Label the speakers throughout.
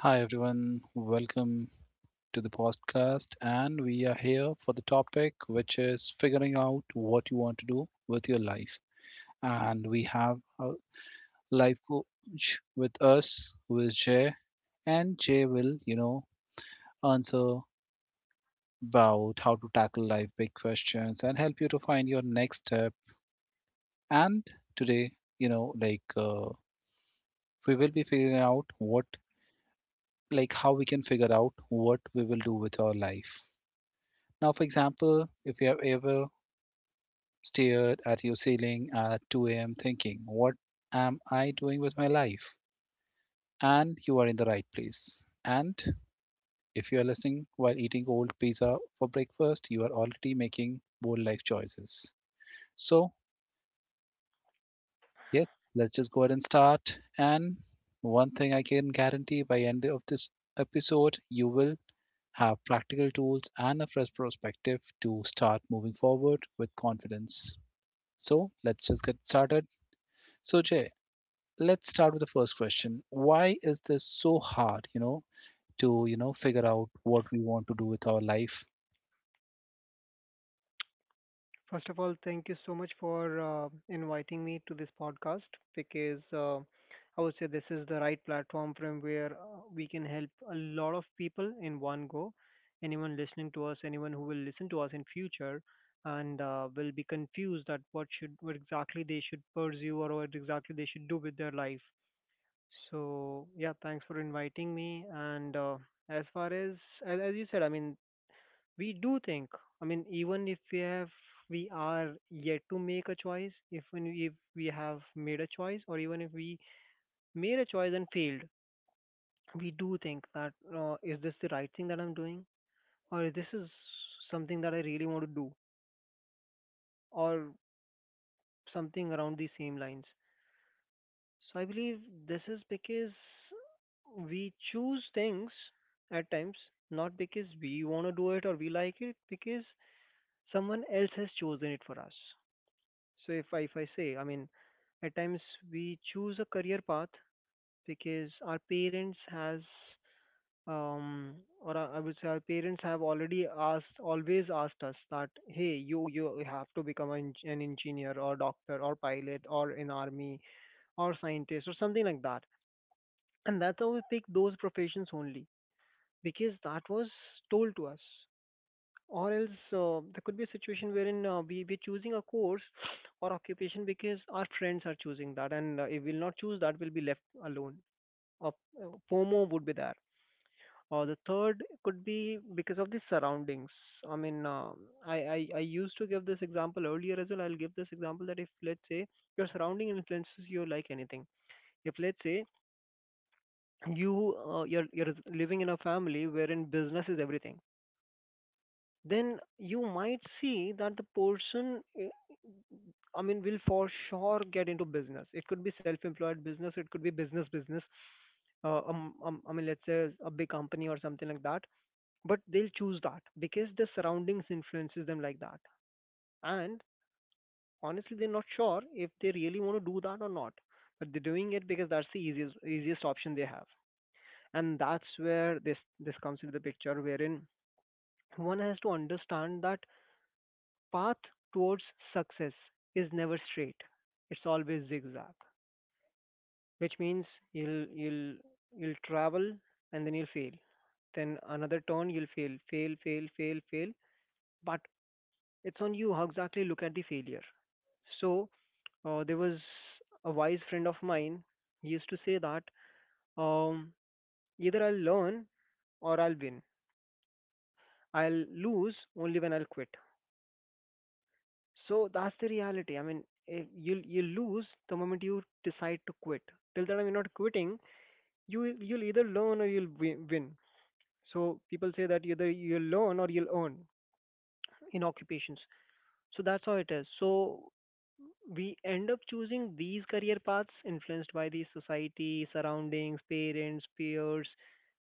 Speaker 1: Hi everyone, welcome to the podcast. And we are here for the topic which is figuring out what you want to do with your life. And we have a life coach with us who is Jay. And Jay will, you know, answer about how to tackle life big questions and help you to find your next step. And today, you know, like uh, we will be figuring out how we can figure out what we will do with our life. Now, for example, if you have ever stared at your ceiling at 2 a.m. thinking, what am I doing with my life? And you are in the right place. And if you are listening while eating old pizza for breakfast, you are already making bold life choices. So, yes, let's just go ahead and start. And one thing I can guarantee by end of this episode, you will have practical tools and a fresh perspective to start moving forward with confidence. So let's just get started. So Jay, let's start with the first question. Why is this so hard, you know, to, figure out what we want to do with our life?
Speaker 2: First of all, thank you so much for inviting me to this podcast because I would say this is the right platform from where we can help a lot of people in one go. Anyone listening to us, anyone who will listen to us in future, and will be confused at what exactly they should pursue or what exactly they should do with their life. So yeah, thanks for inviting me. And as far as as you said, I mean we do think. I mean, even if we have, we are yet to make a choice. If we have made a choice, or even if we made a choice and failed, we do think that, is this the right thing that I'm doing, or this is something that I really want to do, or something around the same lines. So I believe this is because we choose things at times not because we want to do it or we like it, because someone else has chosen it for us. So if I say, I mean, at times we choose a career path because our parents has um or I would say our parents have already asked always asked us that hey, you have to become an, an engineer or doctor or pilot or in army or scientist or something like that, and that's how we pick those professions only because that was told to us. Or else there could be a situation wherein we're choosing a course or occupation because our friends are choosing that, and if we'll not choose that, we'll be left alone. Or FOMO would be there. Or the third could be because of the surroundings. I mean, I used to give this example earlier as well. I'll give this example that, if let's say your surrounding influences you like anything, if let's say you you're living in a family wherein business is everything, then you might see that the person, I mean, will for sure get into business. It could be self-employed business, it could be business business. I mean, let's say a big company or something like that. But they'll choose that because the surroundings influences them like that. And honestly, they're not sure if they really want to do that or not. But they're doing it because that's the easiest option they have. And that's where this comes into the picture, wherein one has to understand that path towards success is never straight. It's always zigzag, which means you'll you'll you'll travel and then you'll fail, then another turn you'll fail fail, but it's on you how exactly you look at the failure. So there was a wise friend of mine, he used to say that, um, either I'll learn or I'll win. I'll lose only when I'll quit. So that's the reality. I mean, you'll lose the moment you decide to quit. Till the time you're not quitting, you'll either learn or you'll win. So people say that either you'll learn or you'll earn in occupations. So that's how it is. So we end up choosing these career paths influenced by the society, surroundings, parents, peers,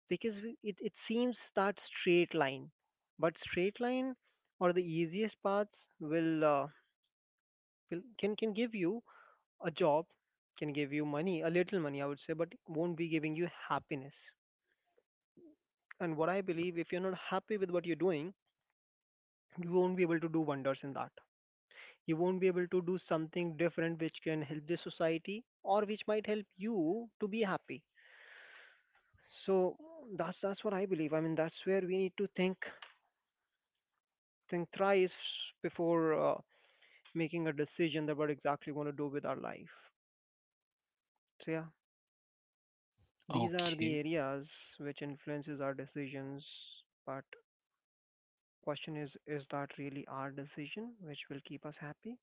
Speaker 2: because it seems that straight line. But straight line or the easiest paths will, uh, will can give you a job, can give you money, a little money I would say, but won't be giving you happiness. And what I believe, if you're not happy with what you're doing, you won't be able to do wonders in that. You won't be able to do something different which can help the society or which might help you to be happy. So that's what I believe. I mean, that's where we need to think thrice before making a decision that what exactly we want to do with our life. So yeah, these are the
Speaker 1: Okay.
Speaker 2: areas which influences our decisions. But question is that really our decision which will keep us happy?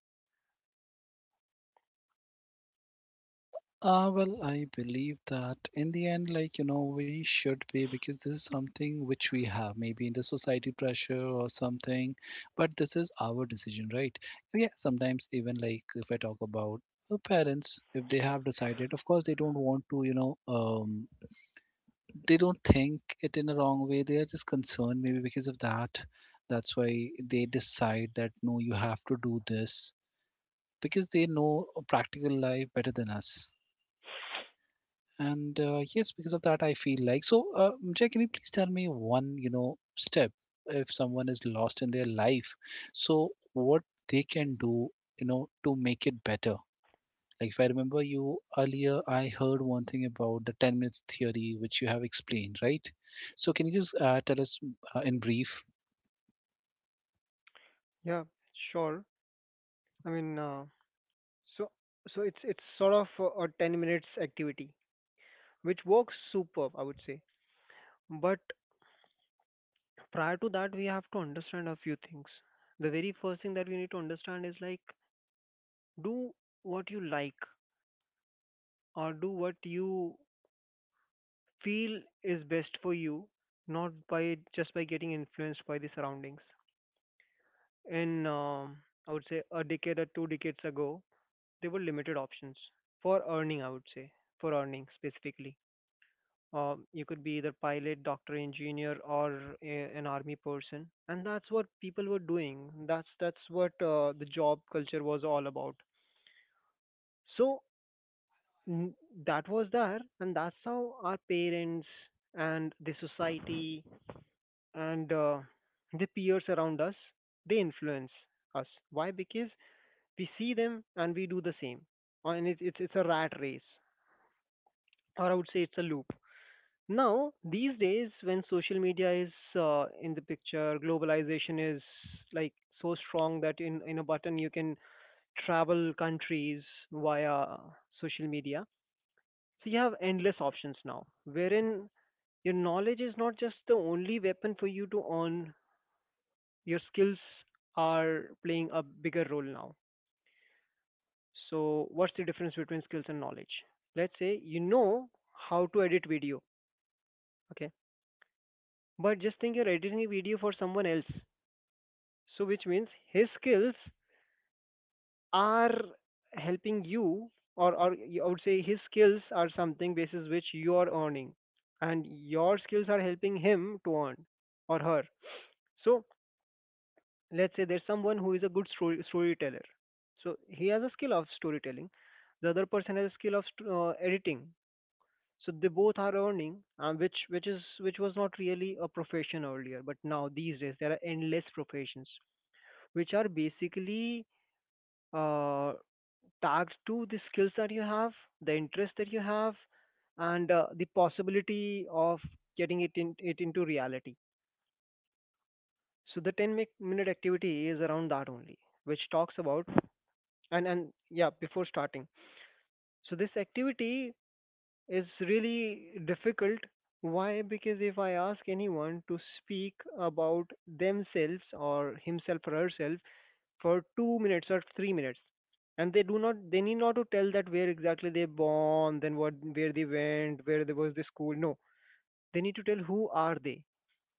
Speaker 1: Well, I believe that in the end, we should be, because this is something which we have, maybe in the society pressure or something, but this is our decision, right? Yeah, sometimes even like if I talk about the parents, if they have decided, of course, they don't want to, they don't think it in a wrong way. They are just concerned, maybe because of that. That's why they decide that no, you have to do this because they know practical life better than us. And yes, because of that, I feel like so. Jay, can you please tell me one, you know, step if someone is lost in their life? So what they can do, you know, to make it better? Like if I remember you earlier, I heard one thing about the 10 minutes theory, which you have explained, right? So can you just tell us in brief?
Speaker 2: Yeah, sure. I mean, so so it's sort of a 10 minutes activity which works superb, I would say. But prior to that, we have to understand a few things. The very first thing that we need to understand is like, do what you like or do what you feel is best for you, not by just by getting influenced by the surroundings. In, um, I would say, a decade or two decades ago, there were limited options for earning, I would say, for earning specifically. You could be either pilot, doctor, engineer, or an army person, and that's what people were doing. That's what the job culture was all about. So n- that was there, and that's how our parents and the society and the peers around us, they influence us. Why? Because we see them and we do the same, and it's a rat race, or I would say it's a loop. Now, these days, when social media is in the picture, globalization is like so strong that in a button you can travel countries via social media. So you have endless options now, wherein your knowledge is not just the only weapon for you to earn, your skills are playing a bigger role now. So, what's the difference between skills and knowledge? Let's say you know how to edit video, okay? But just think you're editing a video for someone else. So which means his skills are helping you, or I would say his skills are something basis which you are earning, and your skills are helping him to earn or her. So let's say there's someone who is a good storyteller. So he has a skill of storytelling. The other person has a skill of editing. So they both are earning. Which is which was not really a profession earlier, but now these days there are endless professions which are basically uh, tags to the skills that you have, the interest that you have, and the possibility of getting it, it into reality. So the 10 minute activity is around that only, which talks about, and yeah, before starting. So this activity is really difficult. Why? Because if I ask anyone to speak about themselves or himself or herself for 2 minutes or 3 minutes, and they do not they need not to tell that where exactly they born, then what where they went, where there was the school. No, they need to tell who are they,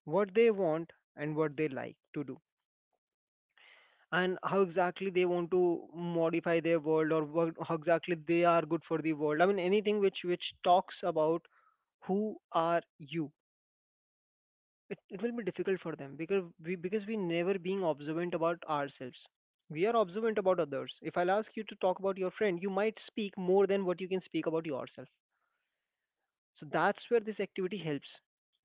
Speaker 2: what they want and what they like to do, and how exactly they want to modify their world, or how exactly they are good for the world. I mean, anything which talks about who are you, it will be difficult for them, because we never being observant about ourselves. We are observant about others. If I'll ask you to talk about your friend, you might speak more than what you can speak about yourself. So that's where this activity helps.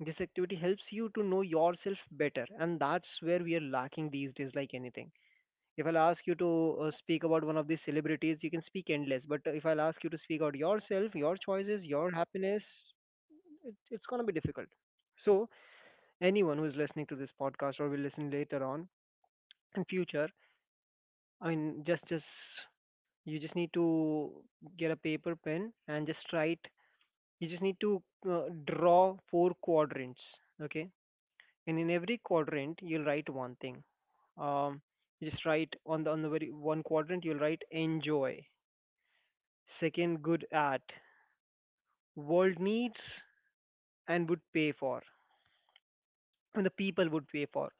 Speaker 2: This activity helps you to know yourself better, and that's where we are lacking these days like anything. If I'll ask you to speak about one of these celebrities, you can speak endless, but if I'll ask you to speak about yourself, your choices, your happiness, it's going to be difficult. So anyone who is listening to this podcast or will listen later on in future, I mean, just you just need to get a paper pen and just write. You just need to uh, draw four quadrants, okay? And in every quadrant, you'll write one thing. Um, you just write on the very one quadrant, you'll write enjoy. Second, good at, world needs and would pay for, and the people would pay for.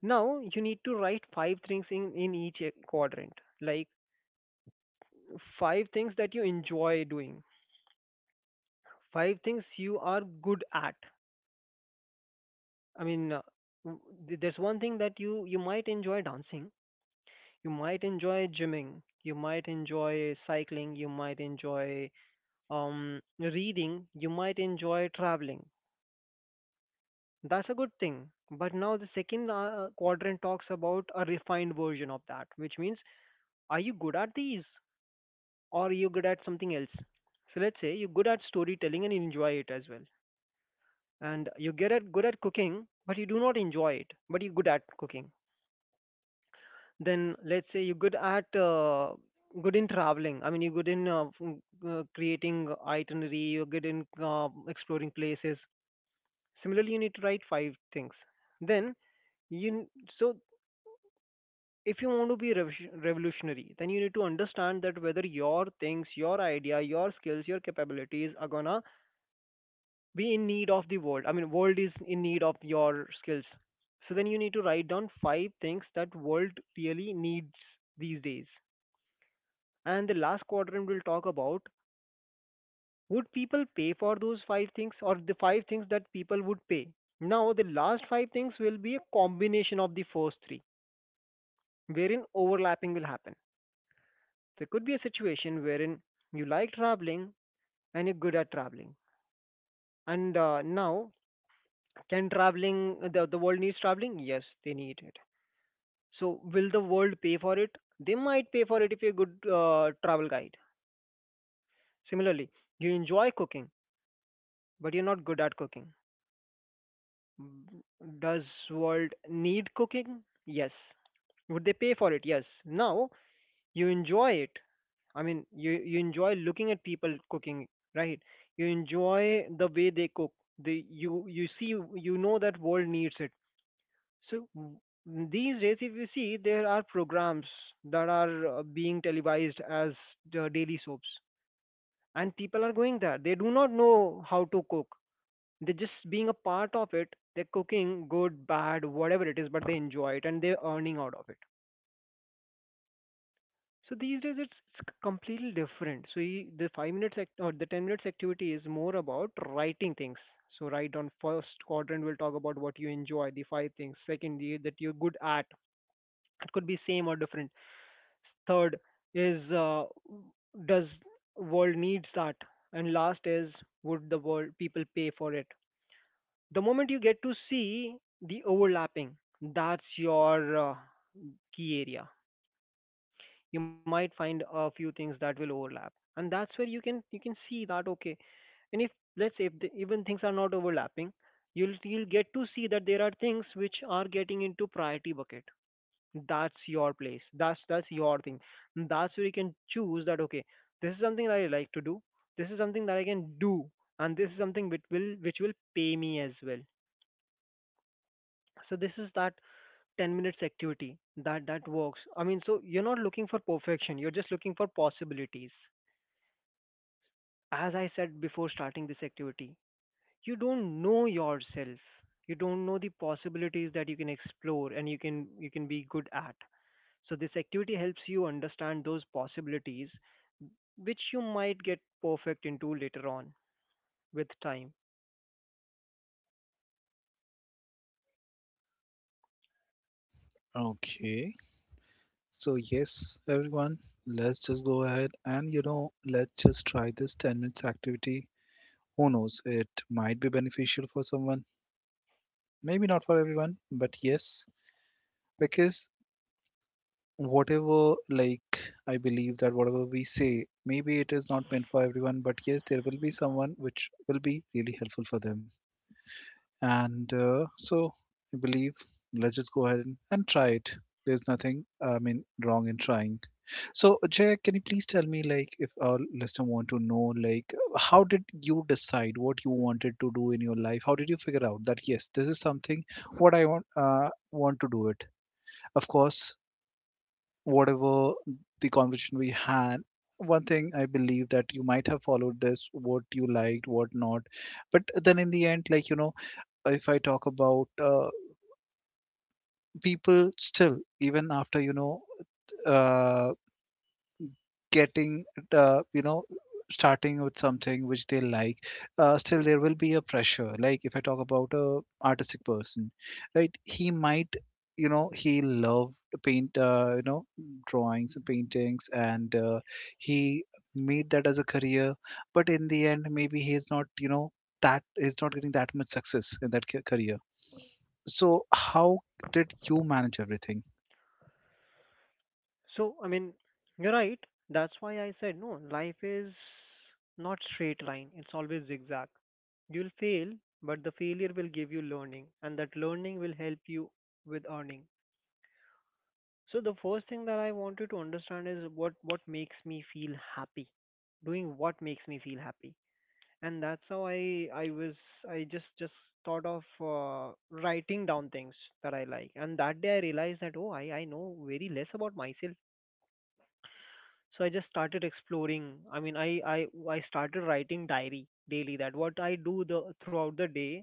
Speaker 2: Now you need to write five things in each quadrant, like five things that you enjoy doing, five things you are good at. I mean uh, w- th- there's one thing that you might enjoy dancing, you might enjoy gymming, you might enjoy cycling, you might enjoy reading, you might enjoy traveling. That's a good thing. But now the second quadrant talks about a refined version of that, which means, are you good at these, or are you good at something else? So let's say you're good at storytelling and you enjoy it as well, and you get at good at cooking, but you do not enjoy it, but you're good at cooking. Then let's say you're good at good in traveling. I mean, you're good in creating itinerary. You're good in exploring places. Similarly, you need to write five things. Then you n- so if you want to be revolutionary, then you need to understand that whether your things, your idea, your skills, your capabilities are gonna be in need of the world. I mean, world is in need of your skills. So then you need to write down five things that world really needs these days. And the last quadrant, we'll talk about, would people pay for those five things, or the five things that people would pay. Now the last five things will be a combination of the first three, wherein overlapping will happen. There could be a situation wherein you like traveling and you're good at traveling. And now, can traveling, the world needs traveling, yes they need it. So will the world pay for it? They might pay for it if you're a good travel guide. Similarly, you enjoy cooking, but you're not good at cooking. Does world need cooking? Yes. Would they pay for it? Yes. Now you enjoy it. I mean, you enjoy looking at people cooking, right? You enjoy the way they cook. The you you see, you know that world needs it. So w- these days, if you see, there are programs that are being televised as the daily soaps, and people are going there. They do not know how to cook. They're just being a part of it. They're cooking good, bad, whatever it is, but they enjoy it and they're earning out of it. So these days, it's completely different. So you, the 5 minutes or the 10 minutes activity is more about writing things. So right on first quadrant, we'll talk about what you enjoy, the five things. Second, the that you're good at. It could be same or different. Third is, does world needs that? And last is, would the world people pay for it? The moment you get to see the overlapping, that's your key area. You might find a few things that will overlap, and that's where you can see that, okay. And if, let's say, if even things are not overlapping, you'll get to see that there are things which are getting into priority bucket. That's your place, that's your thing, that's where you can choose that, okay, this is something that I like to do, this is something that I can do, and this is something which will pay me as well. So this is that 10 minutes activity that works. I mean, so you're not looking for perfection, you're just looking for possibilities. As I said, before starting this activity, you don't know yourself, you don't know the possibilities that you can explore and you can be good at. So this activity helps you understand those possibilities, which you might get perfect into later on, with time.
Speaker 1: Okay. So yes, everyone, let's just go ahead and, you know, let's just try this 10 minutes activity. Who knows? It might be beneficial for someone, maybe not for everyone, but yes, because whatever like I believe that whatever we say, maybe it is not meant for everyone, but yes, there will be someone which will be really helpful for them. And so I believe let's just go ahead and, try it. There's nothing, I mean, wrong in trying. So, Jay, can you please tell me, like, if our listener want to know, like, how did you decide what you wanted to do in your life? How did you figure out that yes, this is something what I want to do it? Of course, whatever the conversation we had, one thing I believe that you might have followed this, what you liked, what not, but then in the end, like, you know, if I talk about people still, even after, you know, uh, getting uh, you know starting with something which they like, still there will be a pressure. Like if I talk about a artistic person, right, he might, you know, he loved paint you know drawings and paintings, and he made that as a career, but in the end maybe he is not, you know, that is not getting that much success in that career. So how did you manage everything?
Speaker 2: So, I mean, you're right. That's why I said, no, life is not straight line. It's always zigzag. You'll fail, but the failure will give you learning, and that learning will help you with earning. So the first thing that I wanted to understand is what makes me feel happy. Doing what makes me feel happy, and that's how I was, I just thought of writing down things that I like. And that day I realized that, oh, I know very less about myself. So I just started exploring. I mean, i I started writing diary daily, that what I do the throughout the day,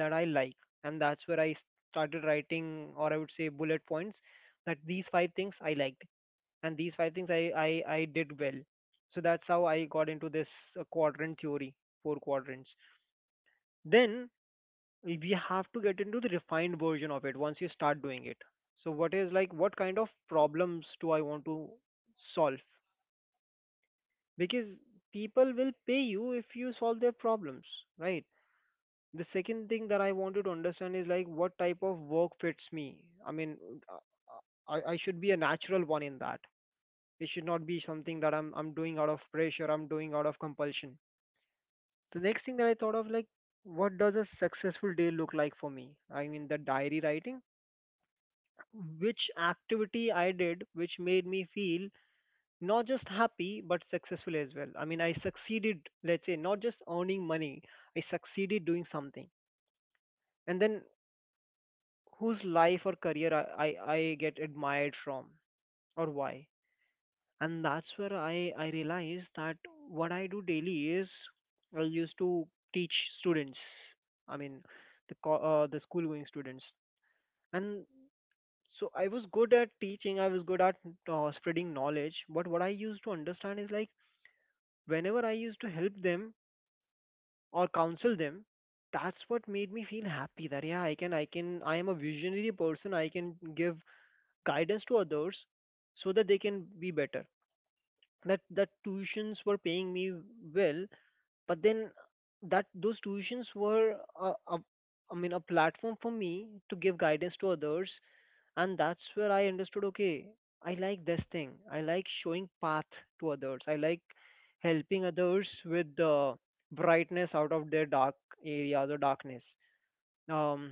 Speaker 2: that I like. And that's where I started writing, or I would say, bullet points, that these five things I liked, and these five things I did well. So that's how I got into this quadrant theory, four quadrants. Then we have to get into the refined version of it once you start doing it. So what is, like, what kind of problems do I want to solve? Because people will pay you if you solve their problems, right? The second thing that I wanted to understand is, like, what type of work fits me. I mean, uh, I should be a natural one in that. It should not be something that I'm doing out of pressure, I'm doing out of compulsion. The next thing that I thought of, like, what does a successful day look like for me? I mean, the diary writing, which activity I did, which made me feel not just happy, but successful as well. I mean, I succeeded, let's say, not just earning money, I succeeded doing something. And then whose life or career I get admired from, or why. And that's where I realized that what I do daily is, I used to teach students. I mean, the co- the school going students, and so I was good at teaching, I was good at spreading knowledge, but what I used to understand is, like, whenever I used to help them or counsel them, that's what made me feel happy, that yeah, I am a visionary person, I can give guidance to others so that they can be better. That tuitions were paying me well, but then that those tuitions were a, a, I mean a platform for me to give guidance to others. And that's where I understood, okay, I like this thing, I like showing path to others, I like helping others with the brightness out of their dark areas, or darkness. um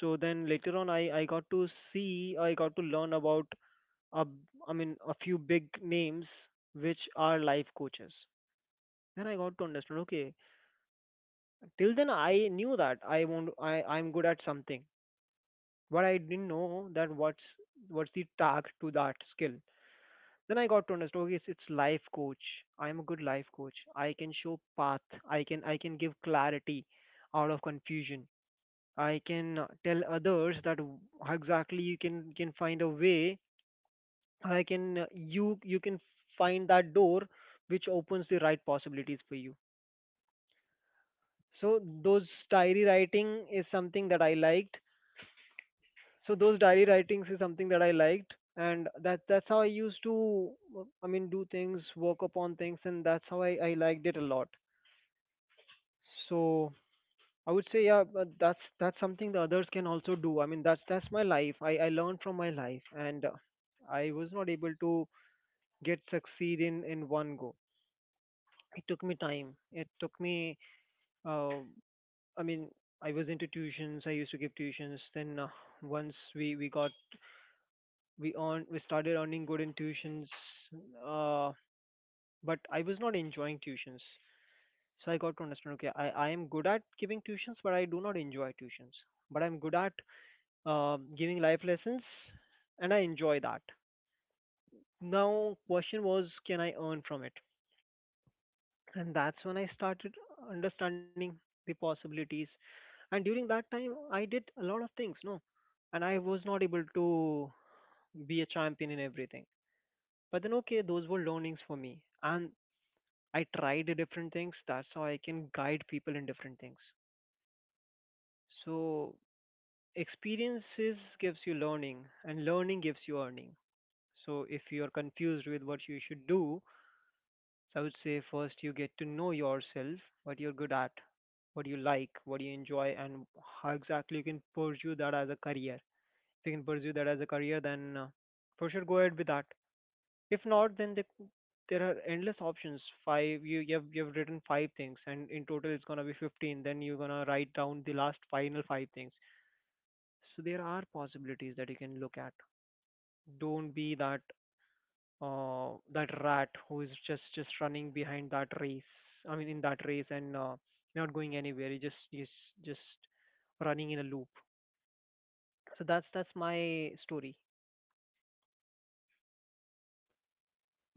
Speaker 2: so then later on, I got to see, I got to learn about a, I mean a few big names which are life coaches. Then I got to understand, okay, till then I knew that I won't I I'm good at something, but I didn't know that what's the tag to that skill. Then I got to understand, okay, it's life coach. I am a good life coach. I can show path. I can give clarity out of confusion. I can tell others that exactly, you can find a way. I can you you can find that door which opens the right possibilities for you. So those diary writing is something that I liked So those diary writings is something that I liked, and that's how I used to, I mean, do things, work upon things, and that's how I liked it a lot. So I would say, yeah, but that's something the others can also do. I mean, that's my life. I learned from my life, and I was not able to get succeed in one go. It took me time. It took me. Uh, I mean, I was into tuitions. I used to give tuitions. Then once we got, we started earning good in tuitions. uh but I was not enjoying tuitions. So I got to understand, okay, I am good at giving tuitions, but I do not enjoy tuitions. But I'm good at giving life lessons, and I enjoy that. Now question was, can I earn from it? And that's when I started understanding the possibilities. And during that time I did a lot of things, no, and I was not able to be a champion in everything. But then okay, those were learnings for me, and I tried different things. That's how I can guide people in different things. So experiences gives you learning, and learning gives you earning. So if you are confused with what you should do, so I would say first you get to know yourself, what you're good at, what you like, what you enjoy, and how exactly you can pursue that as a career. If you can pursue that as a career, then for sure go ahead with that. If not, then there are endless options. Five, you've written five things, and in total it's gonna be 15. Then you're gonna write down the last final five things. So there are possibilities that you can look at. Don't be that rat who is just running behind that race. I mean, in that race, and not going anywhere. You just running in a loop. So that's my story.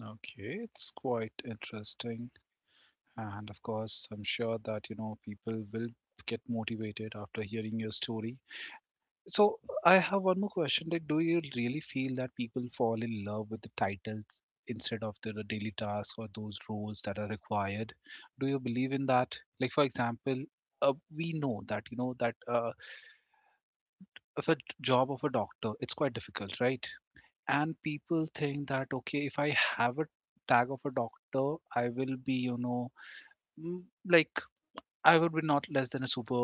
Speaker 1: Okay, it's quite interesting. And of course, I'm sure that you know people will get motivated after hearing your story. So I have one more question: like, do you really feel that people fall in love with the titles instead of the daily tasks or those roles that are required? Do you believe in that? Like, for example. We know that you know that if a job of a doctor it's quite difficult, right, and people think that okay, if I have a tag of a doctor I will be, you know, mm, like I would be not less than a super,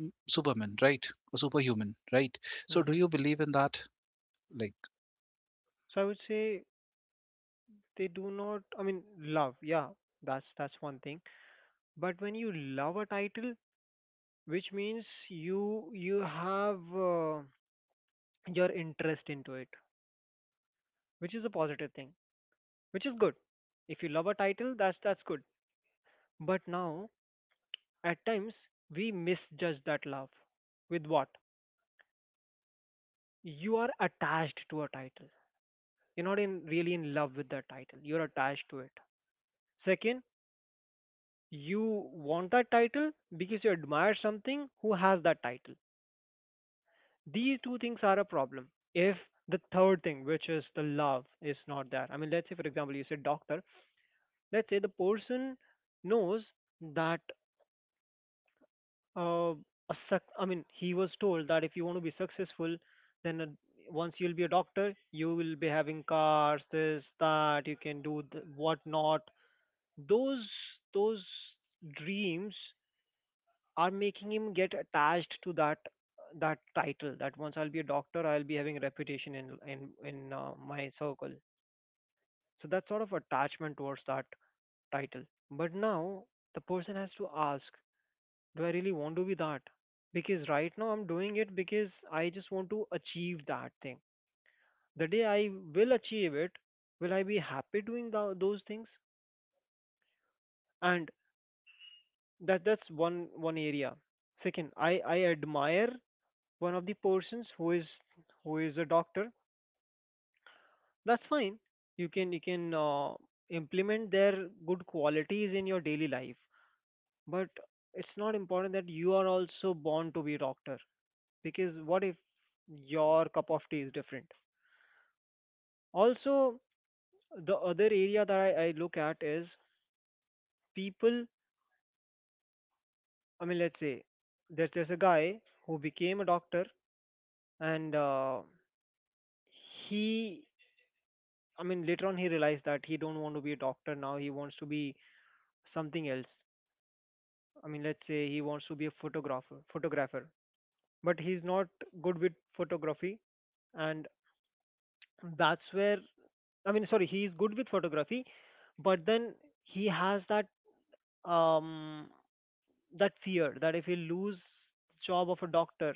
Speaker 1: superman, right? A superhuman, right? So do
Speaker 2: Hmm.
Speaker 1: you believe in that? Like,
Speaker 2: So I would say, they do not. I mean, love. Yeah, that's one thing. But when you love a title, which means you have, your interest into it, which is a positive thing, which is good. If you love a title, that's good. But now, at times, we misjudge that love. With what? You are attached to a title. You're not in really in love with that title. You're attached to it. Second, you want that title because you admire something who has that title. These two things are a problem if the third thing, which is the love, is not there. I mean, let's say, for example, you said doctor. Let's say the person knows that uh, I mean, he was told that if you want to be successful then once you'll be a doctor, you will be having cars, this, that, you can do what not. Those, those dreams are making him get attached to that, that title, that once I'll be a doctor, I'll be having a reputation in my circle. So that sort of attachment towards that title. But now the person has to ask, do I really want to be that? Because right now I'm doing it because I just want to achieve that thing. The day I will achieve it, will I be happy doing those things? And that's one area. Second, I admire one of the persons who is, who is a doctor. That's fine, you can, you can implement their good qualities in your daily life, but it's not important that you are also born to be a doctor, because what if your cup of tea is different? Also, the other area that I look at is people. I mean, let's say there's a guy who became a doctor, and he, I mean, later on he realized that he don't want to be a doctor, now he wants to be something else. I mean, let's say he wants to be a photographer, photographer, but he's not good with photography, and that's where, I mean, sorry, he is good with photography, but then he has that um that fear that if he lose job of a doctor,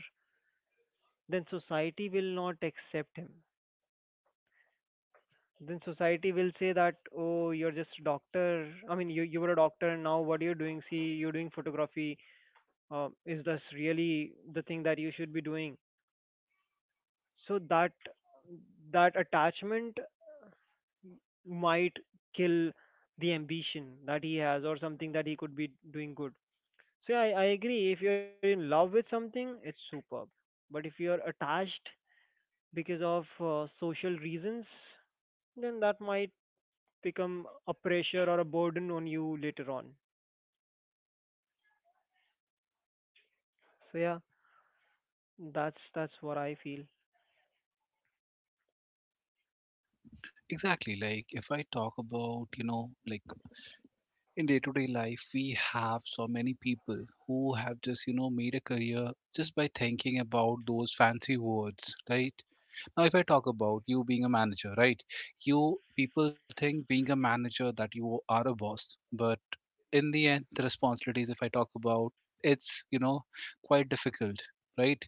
Speaker 2: then society will not accept him. Then society will say that, oh, you're just a doctor. I mean, you were a doctor, and now what are you doing? See, you're doing photography. Is this really the thing that you should be doing? So that, that attachment might kill the ambition that he has or something that he could be doing good. So yeah, I agree, if you're in love with something, it's superb. But if you're attached because of social reasons, then that might become a pressure or a burden on you later on. So yeah, that's what I feel.
Speaker 1: exactly, like if I talk about, you know, like in day-to-day life, we have so many people who have just, you know, made a career just by thinking about those fancy words, right? Now, if I talk about you being a manager, right? You people think being a manager that you are a boss, but in the end, the responsibilities, if I talk about, it's, you know, quite difficult, right?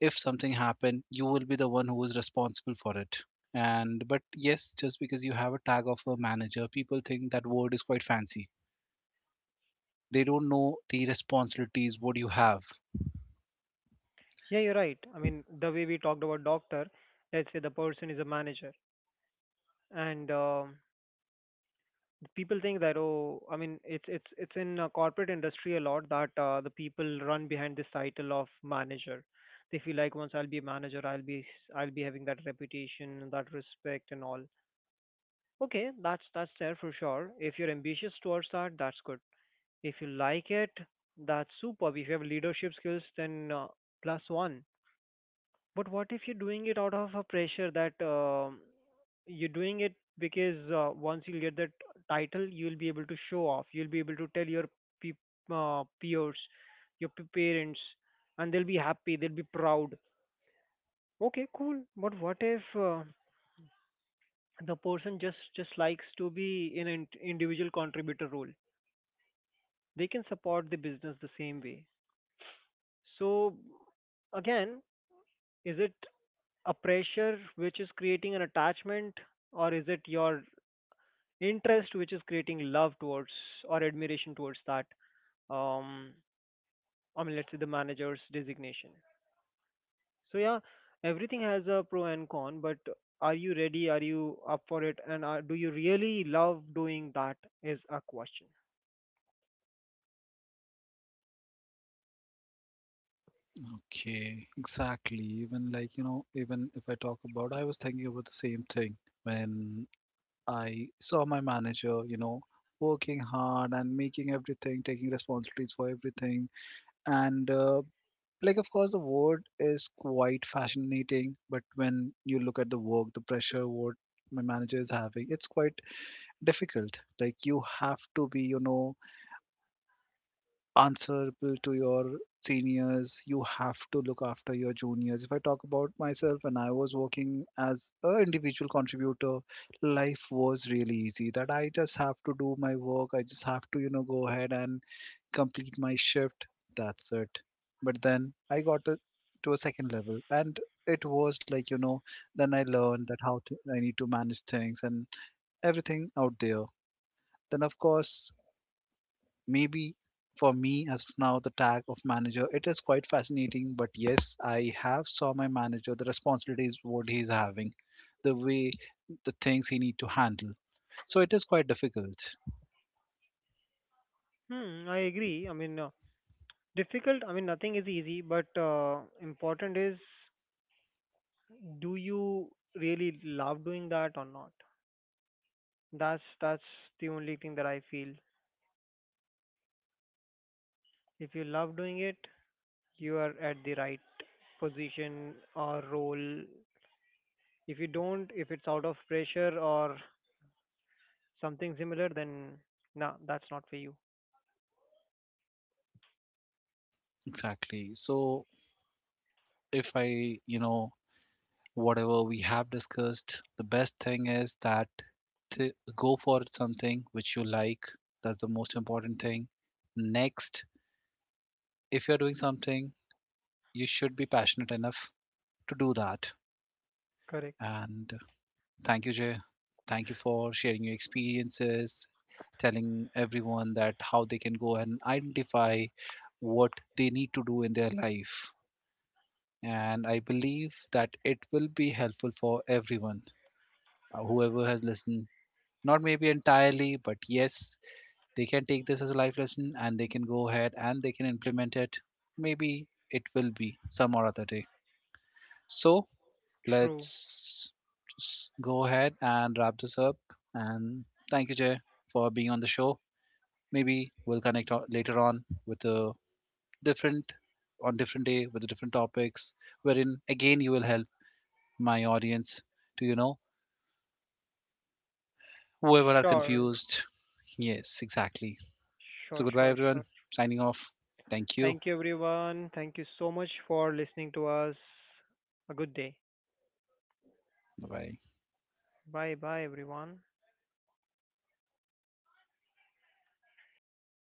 Speaker 1: If something happened, you will be the one who is responsible for it. And but yes, just because you have a tag of a manager, people think that word is quite fancy. They don't know the responsibilities what you have.
Speaker 2: Yeah, you're right. I mean, the way we talked about doctor, let's say the person is a manager, and people think that, oh, I mean, it's in corporate industry a lot that the people run behind this title of manager. They feel like once I'll be a manager, I'll be, I'll be having that reputation and that respect and all. Okay, that's there for sure. If you're ambitious towards that, that's good. If you like it, that's superb. If you have leadership skills, then plus one. But what if you're doing it out of a pressure, that you're doing it because once you get that title, you'll be able to show off, you'll be able to tell your pe- peers, your parents, and they'll be happy, they'll be proud. Okay, cool. But what if the person just likes to be in an individual contributor role? They can support the business the same way. So again, is it a pressure which is creating an attachment, or is it your interest which is creating love towards or admiration towards that, um I mean, let's say, the manager's designation. So yeah, everything has a pro and con, but are you ready? Are you up for it? And are, do you really love doing that? Is a question.
Speaker 1: Okay, exactly. Even like, you know, even if I talk about, I was thinking about the same thing when I saw my manager, you know, working hard and making everything, taking responsibilities for everything. And like, of course the word is quite fascinating, but when you look at the work, the pressure what my manager is having, it's quite difficult. Like you have to be, you know, answerable to your seniors, you have to look after your juniors. If I talk about myself, when I was working as an individual contributor, life was really easy, that I just have to do my work, I just have to, you know, go ahead and complete my shift. That's it. But then I got to a second level, and it was like, you know. Then I learned that how to I need to manage things and everything out there. Then of course, maybe for me as of now the tag of manager it is quite fascinating, but yes, I have saw my manager, the responsibilities what he's having, the way the things he need to handle, so it is quite difficult.
Speaker 2: Hmm, I agree. I mean, difficult. I mean, nothing is easy, but important is, do you really love doing that or not? That's the only thing that I feel. If you love doing it, you are at the right position or role. If you don't, if it's out of pressure or something similar, then nah, that's not for you.
Speaker 1: Exactly. So if I, you know, whatever we have discussed, the best thing is that to go for something which you like. That's the most important thing. Next, if you're doing something, you should be passionate enough to do that.
Speaker 2: Correct.
Speaker 1: And thank you, Jay. Thank you for sharing your experiences, telling everyone that how they can go and identify what they need to do in their life. And I believe that it will be helpful for everyone, whoever has listened. Not maybe entirely, but yes, they can take this as a life lesson and they can go ahead and they can implement it. Maybe it will be some or other day. So
Speaker 2: True.
Speaker 1: let's just go ahead and wrap this up. And thank you, Jay, for being on the show. Maybe we'll connect later on with a different on different day with the different topics wherein again you will help my audience to, you know, whoever are
Speaker 2: Sure.
Speaker 1: confused. Yes, exactly.
Speaker 2: Sure,
Speaker 1: So goodbye,
Speaker 2: sure, sure.
Speaker 1: everyone. Signing off. Thank you.
Speaker 2: Thank you, everyone. Thank you so much for listening to us. A good day.
Speaker 1: Bye bye.
Speaker 2: Bye bye, everyone.